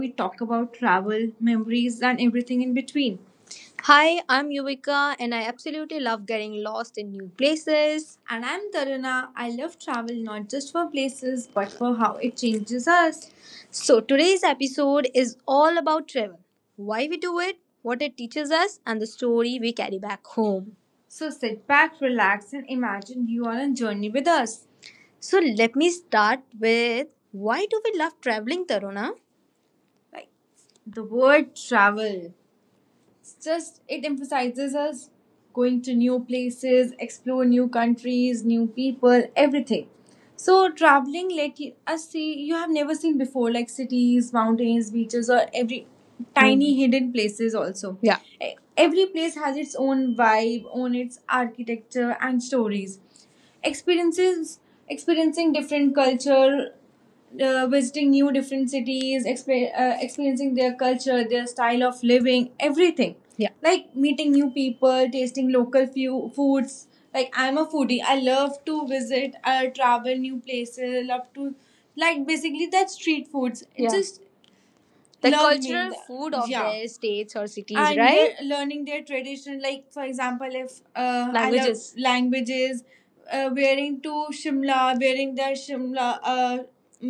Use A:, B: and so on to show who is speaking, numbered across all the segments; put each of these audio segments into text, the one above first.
A: we talk about travel, memories, and everything in between. Hi, I'm Yuvika and I absolutely love getting lost in new places. And I'm Taruna. I love travel not just for places, but for how it changes us. So, today's episode is all about travel, why we do it, what it teaches us, and the story we carry back home. So sit back, relax, and imagine you are on a journey with us. So let me start with, why do we love traveling, Taruna? Like, the word travel, it's just, it emphasizes us going to new places, explore new countries, new people, everything. So traveling let you, us see you have never seen before, like cities, mountains, beaches, or every tiny hidden places. Also, Yeah. E- every place has its own vibe, own its architecture and stories. Experiences experiencing different culture, visiting new different cities, experiencing their culture, their style of living, everything. Yeah. Like meeting new people, tasting local few foods. Like, I'm a foodie. I love to visit, travel new places. Love to, like, basically that street foods. It's, yeah, just the learning cultural that food of, yeah, their states or cities, and, right, they're learning their tradition. Like, for example, if I love languages. Languages. Wearing to Shimla, wearing their Shimla,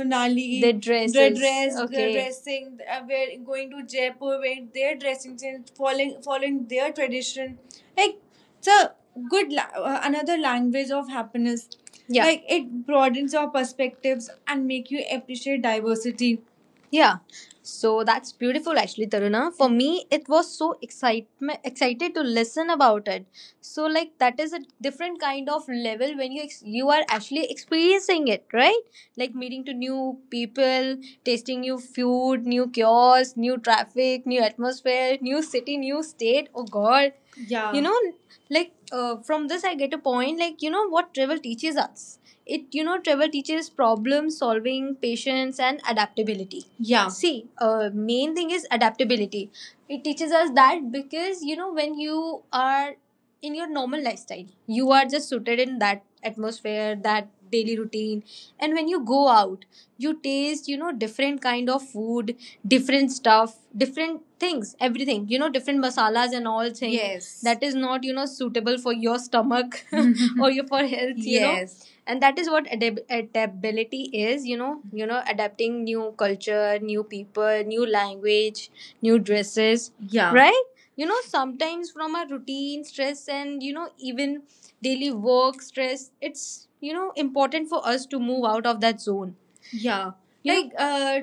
A: Manali. Their. Dress their, Okay. dressing, wearing, going to Jaipur wearing their dressing sense, following their tradition. Like, it's a good another language of happiness. Yeah. Like, it broadens your perspectives and make you appreciate diversity. Yeah, so that's beautiful, actually, Taruna. For me, it was so excitement excited to listen about it. So, like, that is a different kind of level when you you are actually experiencing it, right? Like meeting to new people, tasting new food, new cures, new traffic, new atmosphere, new city, new state. Oh God, yeah. You know, like, from this I get a point. Like, you know what travel teaches us? It You know, travel teaches problem solving, patience, and adaptability. Yeah. See, main thing is adaptability. It teaches us that, because, you know, when you are in your normal lifestyle, you are just suited in that atmosphere, that daily routine. And when you go out, you taste, you know, different kind of food, different stuff, different things, everything. You know, different masalas and all things. Yes. That is not, you know, suitable for your stomach or your for health, you know. Yes. And that is what adaptability is, you know. You know, adapting new culture, new people, new language, new dresses, Yeah. right? You know, sometimes from our routine stress and, you know, even daily work stress, it's, you know, important for us to move out of that zone. Yeah. You know. Like,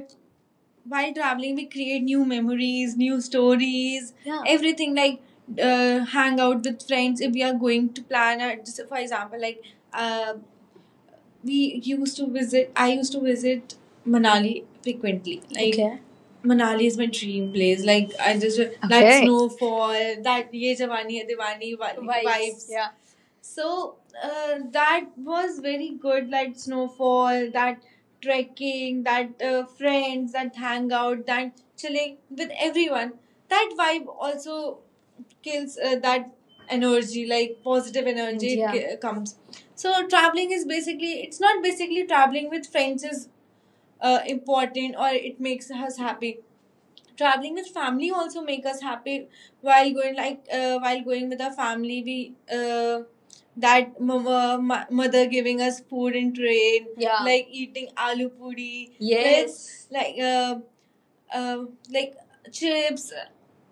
A: while traveling we create new memories, new stories, yeah, everything. Like, hang out with friends, if we are going to plan a, just for example, like, uh we used to visit. I used to visit Manali frequently. Like, Okay. Manali is my dream place. Like, I just that, Okay. snowfall, that ye jawani hai diwani Vibes. Vibes. Yeah. So, that was very good. Like snowfall, that trekking, that friends, that hangout, that chilling with everyone. That vibe also kills, that energy, like positive energy. Yeah. Comes. So traveling is basically, it's not basically, traveling with friends is important, or it makes us happy. Traveling with family also make us happy. While going, like, while going with our family, we, uh, that, mother giving us food in train. Yeah. Like eating aloo puri. Yes. With, like, uh, like chips,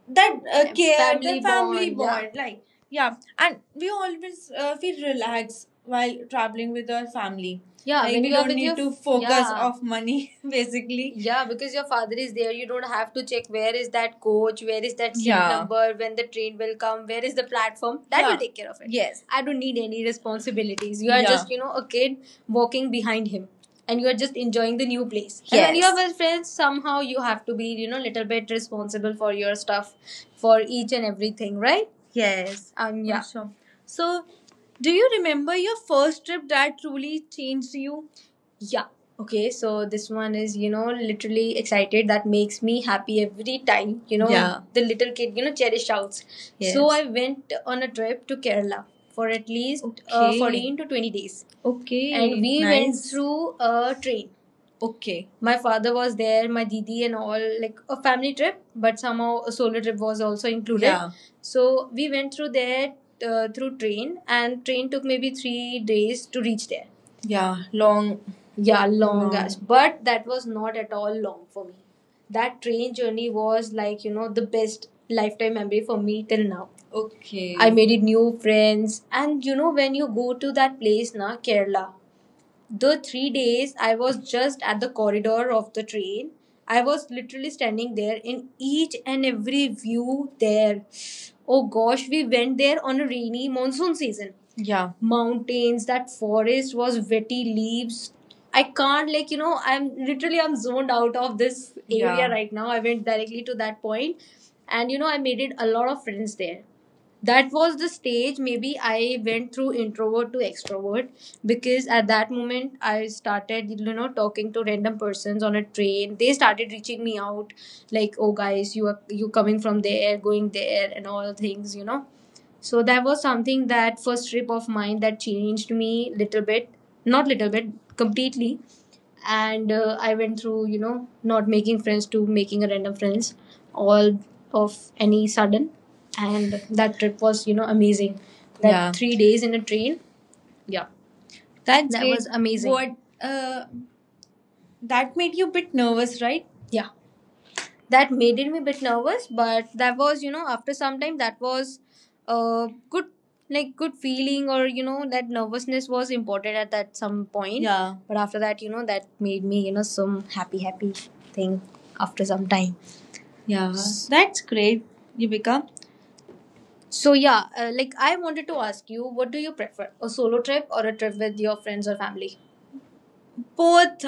A: that, care, the family bond. Yeah. Bond, like, yeah, and we always feel relaxed while traveling with our family. Yeah. Like, when we, you are, don't, with your, need your, to focus, yeah, of money basically. Yeah, because your father is there, you don't have to check where is that coach, where is that seat, Yeah, number, when the train will come, where is the platform. That Yeah. will, yeah, take care of it. Yes, I don't need any responsibilities. You are, yeah, just, you know, a kid walking behind him and you're just enjoying the new place. Yes. And when you Yes. are with friends, somehow you have to be, you know, little bit responsible for your stuff, for each and everything, right? Yes. Yeah. Awesome. So, do you remember your first trip that truly changed you? Yeah. Okay, so this one is, you know, literally excited. That makes me happy every time, you know. Yeah. The little kid, you know, cherish shouts. Yes. So I went on a trip to Kerala for at least Okay. 14 to 20 days, and, Okay, we went, nice, through a train. Okay. My father was there, my didi, and all, like a family trip, but somehow a solo trip was also included. Yeah. So we went through there, through train, and train took maybe 3 days to reach there. Yeah. Long. Yeah, long. Long. As, but that was not at all long for me. That train journey was like, you know, the best lifetime memory for me till now. Okay. I made it new friends. And, you know, when you go to that place, na, Kerala, the 3 days I was just at the corridor of the train. I was literally standing there in each and every view there. Oh gosh, we went there on a rainy monsoon season. Yeah. Mountains, that forest was wetty leaves. I can't, like, you know, I'm literally, I'm zoned out of this area. Yeah. Right now. I went directly to that point, and, you know, I made it a lot of friends there. That was the stage, maybe I went through introvert to extrovert, because at that moment I started, you know, talking to random persons on a train. They started reaching me out like, oh guys, you are, you coming from there, going there, and all things, you know. So that was something. That first trip of mine that changed me, little bit, not little bit, completely. And, I went through, you know, not making friends to making a random friends all of any sudden. And that trip was, you know, amazing. That Yeah. 3 days in a train, yeah. That's, That great, was amazing. What, that made you a bit nervous, right? Yeah, that made me a bit nervous, but that was, you know, after some time, that was a good, like good feeling, or, you know, that nervousness was important at that some point. Yeah. But after that, you know, that made me, you know, some happy thing after some time. Yeah. That's great, Yubika. So, yeah, like I wanted to ask you, what do you prefer, a solo trip or a trip with your friends or family? Both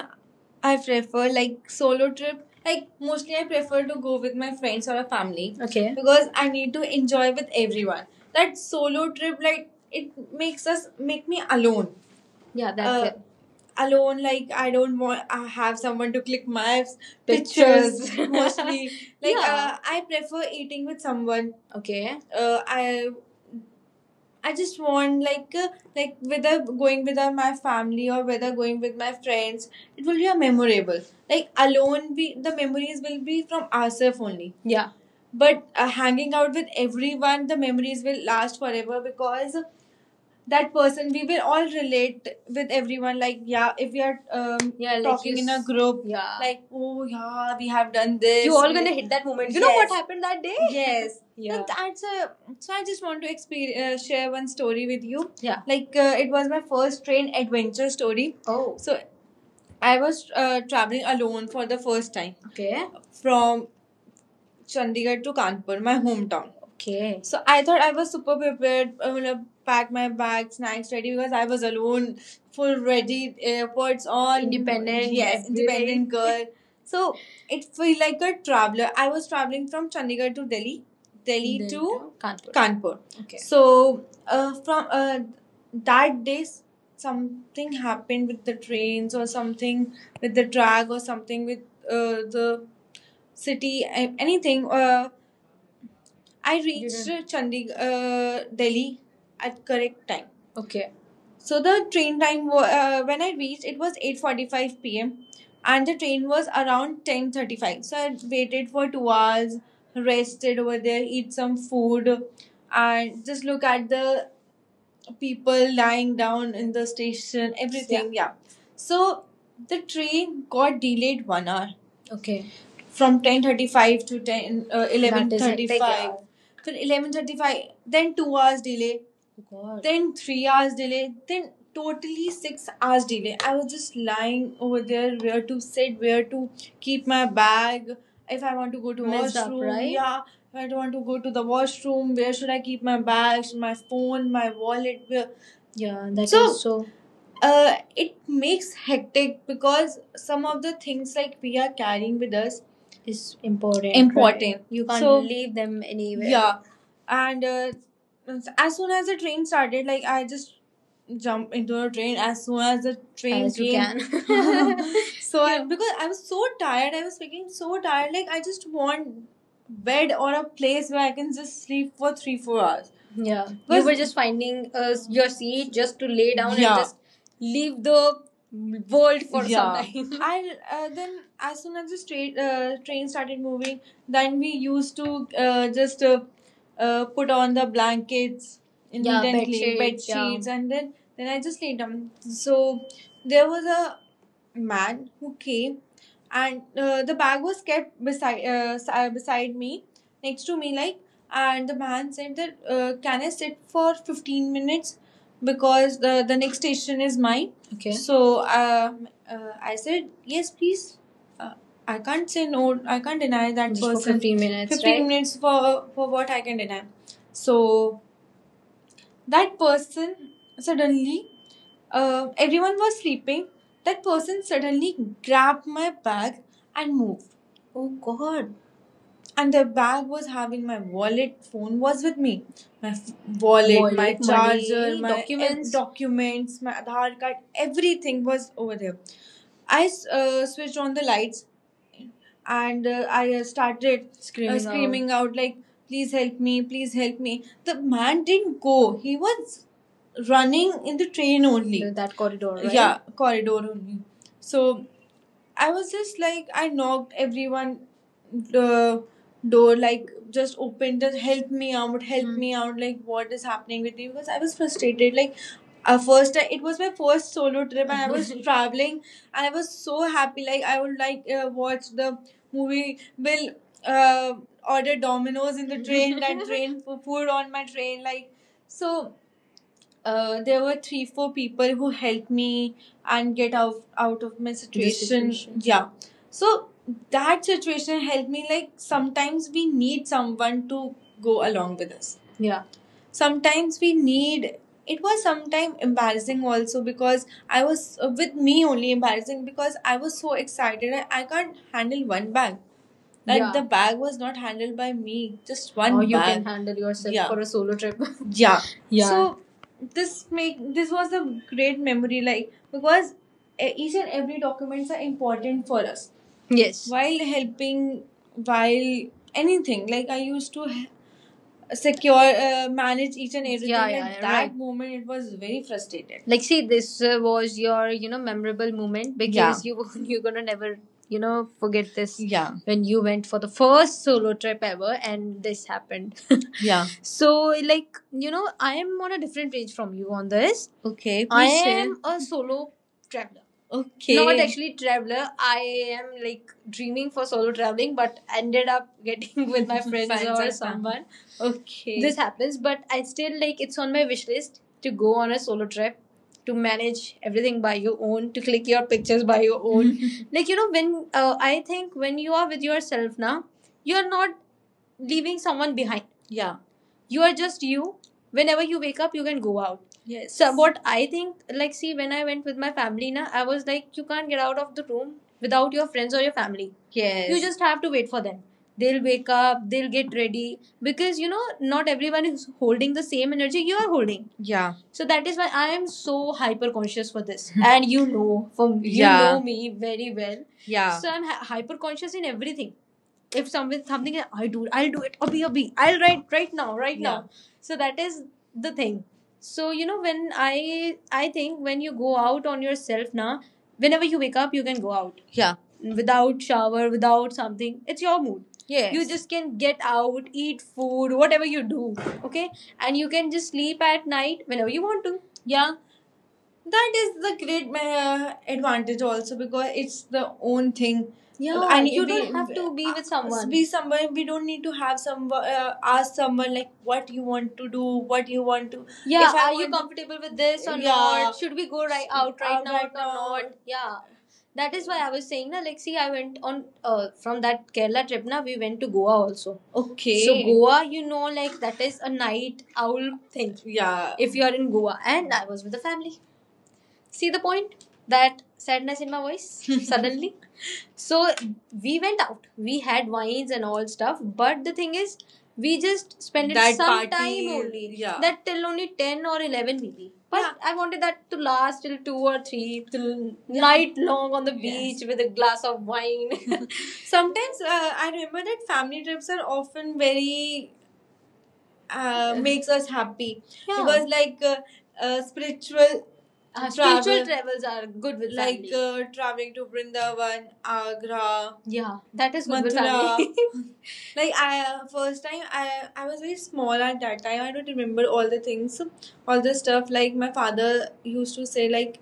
A: I prefer. Like solo trip. Like mostly I prefer to go with my friends or a family. Okay. Because I need to enjoy with everyone. That solo trip, like, it makes us make me alone. Yeah, that's it. Alone, like I don't want, I have someone to click my pictures. Pictures. Mostly. Like, yeah. I prefer eating with someone. Okay. I just want, like, like whether going with, my family or whether going with my friends, it will be a memorable. Like alone, we, the memories will be from ourselves only. Yeah. But, hanging out with everyone, the memories will last forever, because that person we will all relate with everyone. Like, yeah, if we are, Yeah, like, talking in a group, yeah, like, oh yeah, we have done this, you all gonna hit that moment. You, yes, know Yes. what happened that day? Yes. Yeah. So that's a, so I just want to experience, share one story with you. Yeah. Like, it was my first train adventure story. Oh. So I was traveling alone for the first time. Okay. From Chandigarh to Kanpur, my hometown. Okay. So I thought I was super prepared. I mean, I packed my bag, snacks ready, because I was alone, full ready, airports on. Independent. Yes, independent girl. So it felt like a traveler. I was traveling from Chandigarh to Delhi, Delhi, Then to Kanpur. Kanpur. Okay. So, from, that day, something happened with the trains or something with the drag or something with, the city, anything. I reached Chandigarh, Delhi at correct time. Okay. So the train time, when I reached, it was 8:45 p.m. and the train was around 10:35. So I waited for 2 hours, rested over there, eat some food and just look at the people lying down in the station, everything. Yeah. So the train got delayed 1 hour. Okay. From 10:35 to 10, 11. That is hectic, yeah. 11:35. From 11:35, then 2 hours delay. Oh God. Then 3 hours delay, then totally 6 hours delay. I was just lying over there, where to sit, where to keep my bag, if I want to go to Messed up, washroom, right? Yeah. If I want to go to the washroom, where should I keep my bags, my phone, my wallet? Where? Yeah, that So is so. It makes hectic because some of the things like we are carrying with us Is important, right? Important. Right? You can't So leave them anywhere. Yeah, and as soon as the train started, like I just jump into a train as soon as the train As you came. Can. So I, because I was so tired, I was freaking so tired. Like I just want bed or a place where I can just sleep for 3 4 hours. Yeah, you Was- were just finding your seat just to lay down and Yeah. just leave the world for yeah. some time. And then, as soon as the straight, train started moving, then we used to just put on the blankets Yeah, bed immediately, bed sheets, bed yeah. sheets, and then I just laid down. So there was a man who came, and the bag was kept beside beside me, next to me, like. And the man said that, "Can I sit for 15 minutes?" because the next station is mine. Okay. So I said yes, please. Uh, I can't say no. I can't deny that Just for person. 15 minutes, 15 right? minutes for what I can deny. So that person suddenly, everyone was sleeping. That person suddenly grabbed my bag and moved. Oh God. And the bag was having my wallet phone was with me my wallet, Wallet, my charger money, my documents. Documents, my Aadhaar card, everything was over there. I switched on the lights and I started Screaming out. Screaming out like please help me, please help me. The man didn't go, he was running in the train only The- That corridor, right? Yeah corridor only. So I was just like, I knocked everyone the door, like just opened it, help me out, help Hmm. me out, like what is happening with you? Because I was frustrated. Like first, it was my first solo trip, and I was traveling, and I was so happy. Like I would like watch the movie. Will uh, order Dominoes in the train, that train for food on my train, like so there were three four people who helped me and get out of my situation. Situation. Yeah. So that situation helped me, like sometimes we need someone to go along with us. Yeah. Sometimes we need it was sometime embarrassing also because I was with me only embarrassing because I was so excited, I can't handle one bag like Yeah. the Yeah. bag was not handled by me, just one Or you bag. Can handle yourself Yeah. for a solo trip. Yeah, yeah. So this make this was a great memory like because each and every documents are important for us. Yes. While helping, while anything like I used to secure manage each and everything. Yeah, yeah, at yeah, that right. moment it was very frustrated like see this was your you know memorable moment because you you're gonna never you know forget this. Yeah. When you went for the first solo trip ever and this happened. Yeah. So like you know I am on a different page from you on this. Okay I please share. Am a solo traveler. Okay, not actually traveler, I am like dreaming for solo traveling but ended up getting with my friends, Friends or someone. Okay. This happens, but I still like it's on my wish list to go on a solo trip, to manage everything by your own, to click your pictures by your own. Like you know, when I think when you are with yourself now, you're not leaving someone behind. Yeah. You are just you. Whenever you wake up, you can go out. Yes. So what I think, like, see, when I went with my family, na, I was like, you can't get out of the room without your friends or your family. Yes. You just have to wait for them. They'll wake up. They'll get ready because you know not everyone is holding the same energy you are holding. Yeah. So that is why I am so hyper conscious for this, and you know, from you Yeah. know me very well. Yeah. So I'm hi hyper conscious in everything, if something something I do I'll do it abhi abhi I'll write right now right yeah. now, so that is the thing. So you know when I think when you go out on yourself now whenever you wake up you can go out. Yeah. Without shower, without something, it's your mood. Yes. You Yes. just can get out, eat food, whatever you do, okay, and you can just sleep at night whenever you want to. Yeah. That is the great advantage also because it's the own thing. Yeah, and you don't have to be with someone. Be someone, we don't need to have someone ask someone like what you want to do, what you want to Yeah, if I are you want- comfortable with this or Yeah. not? Should we go right Out now right or now. Not? Yeah. That is why I was saying na, like see I went on from that Kerala trip na we went to Goa also. Okay. So Goa, you know, like that is a night owl thing. Yeah. If you are in Goa and I was with the family. See the point? That sadness in my voice suddenly. So we went out. We had wines and all stuff. But the thing is, we just spent it That some party, time only. Yeah. That till only 10 or 11 maybe. But Yeah. I wanted that to last till 2 or 3, till yeah. night long on the beach Yes. with a glass of wine. Sometimes I remember that family trips are often very makes us happy. Yeah. Because like spiritual travel. Spiritual travels are good with like family. Traveling to Vrindavan, Agra, yeah, that is good Mathura, with family. Like I first time I was very small at that time. I don't remember all the things, all the stuff. Like my father used to say, like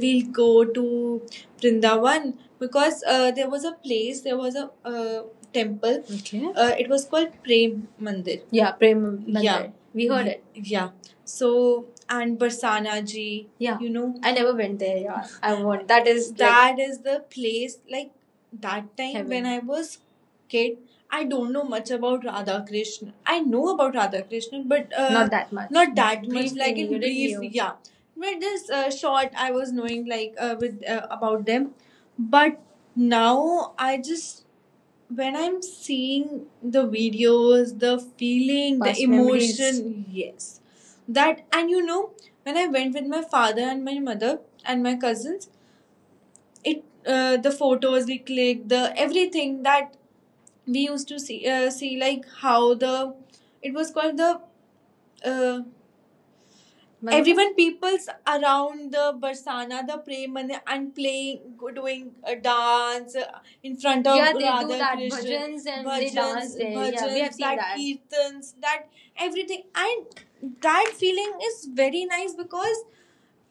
A: we'll go to Vrindavan because there was a place, there was a temple. Okay. It was called Prem Mandir. Yeah, Prem Mandir. Yeah. We heard it. Yeah. So and Barsana ji, Yeah. you know I never went there. Yeah. I want. That is like, that is the place like that time Heaven. When I was kid I don't know much about Radha Krishna. I know about Radha Krishna, but Not that much. Not that much. Like in didn't brief, yeah. But this short, I was knowing like with about them, but now I just when I'm seeing the videos, the feeling, Past the memories. Emotion, yes, that and you know when I went with my father and my mother and my cousins, it the photos we clicked, the everything that we used to see see like how the it was called the uh, Manoj? Everyone peoples around the barsana the praman and playing doing a dance in front of Yeah, they do radha that krishna bhajans and they dance there. Yeah, we bhajans, have seen that. kirtans, that everything and that feeling is very nice because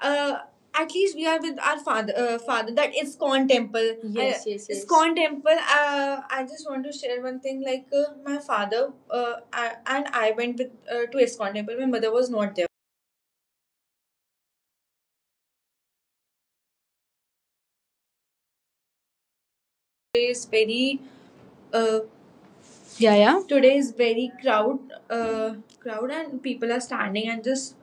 A: uh, at least we are with our father, father that ISKCON temple. Yes, yes, yes. ISKCON temple. I just want to share one thing. Like my father I, and I went with to ISKCON temple. My mother was not there.
B: Today is very, uh, yeah, yeah, today is very crowd, uh, crowd, and people are standing and just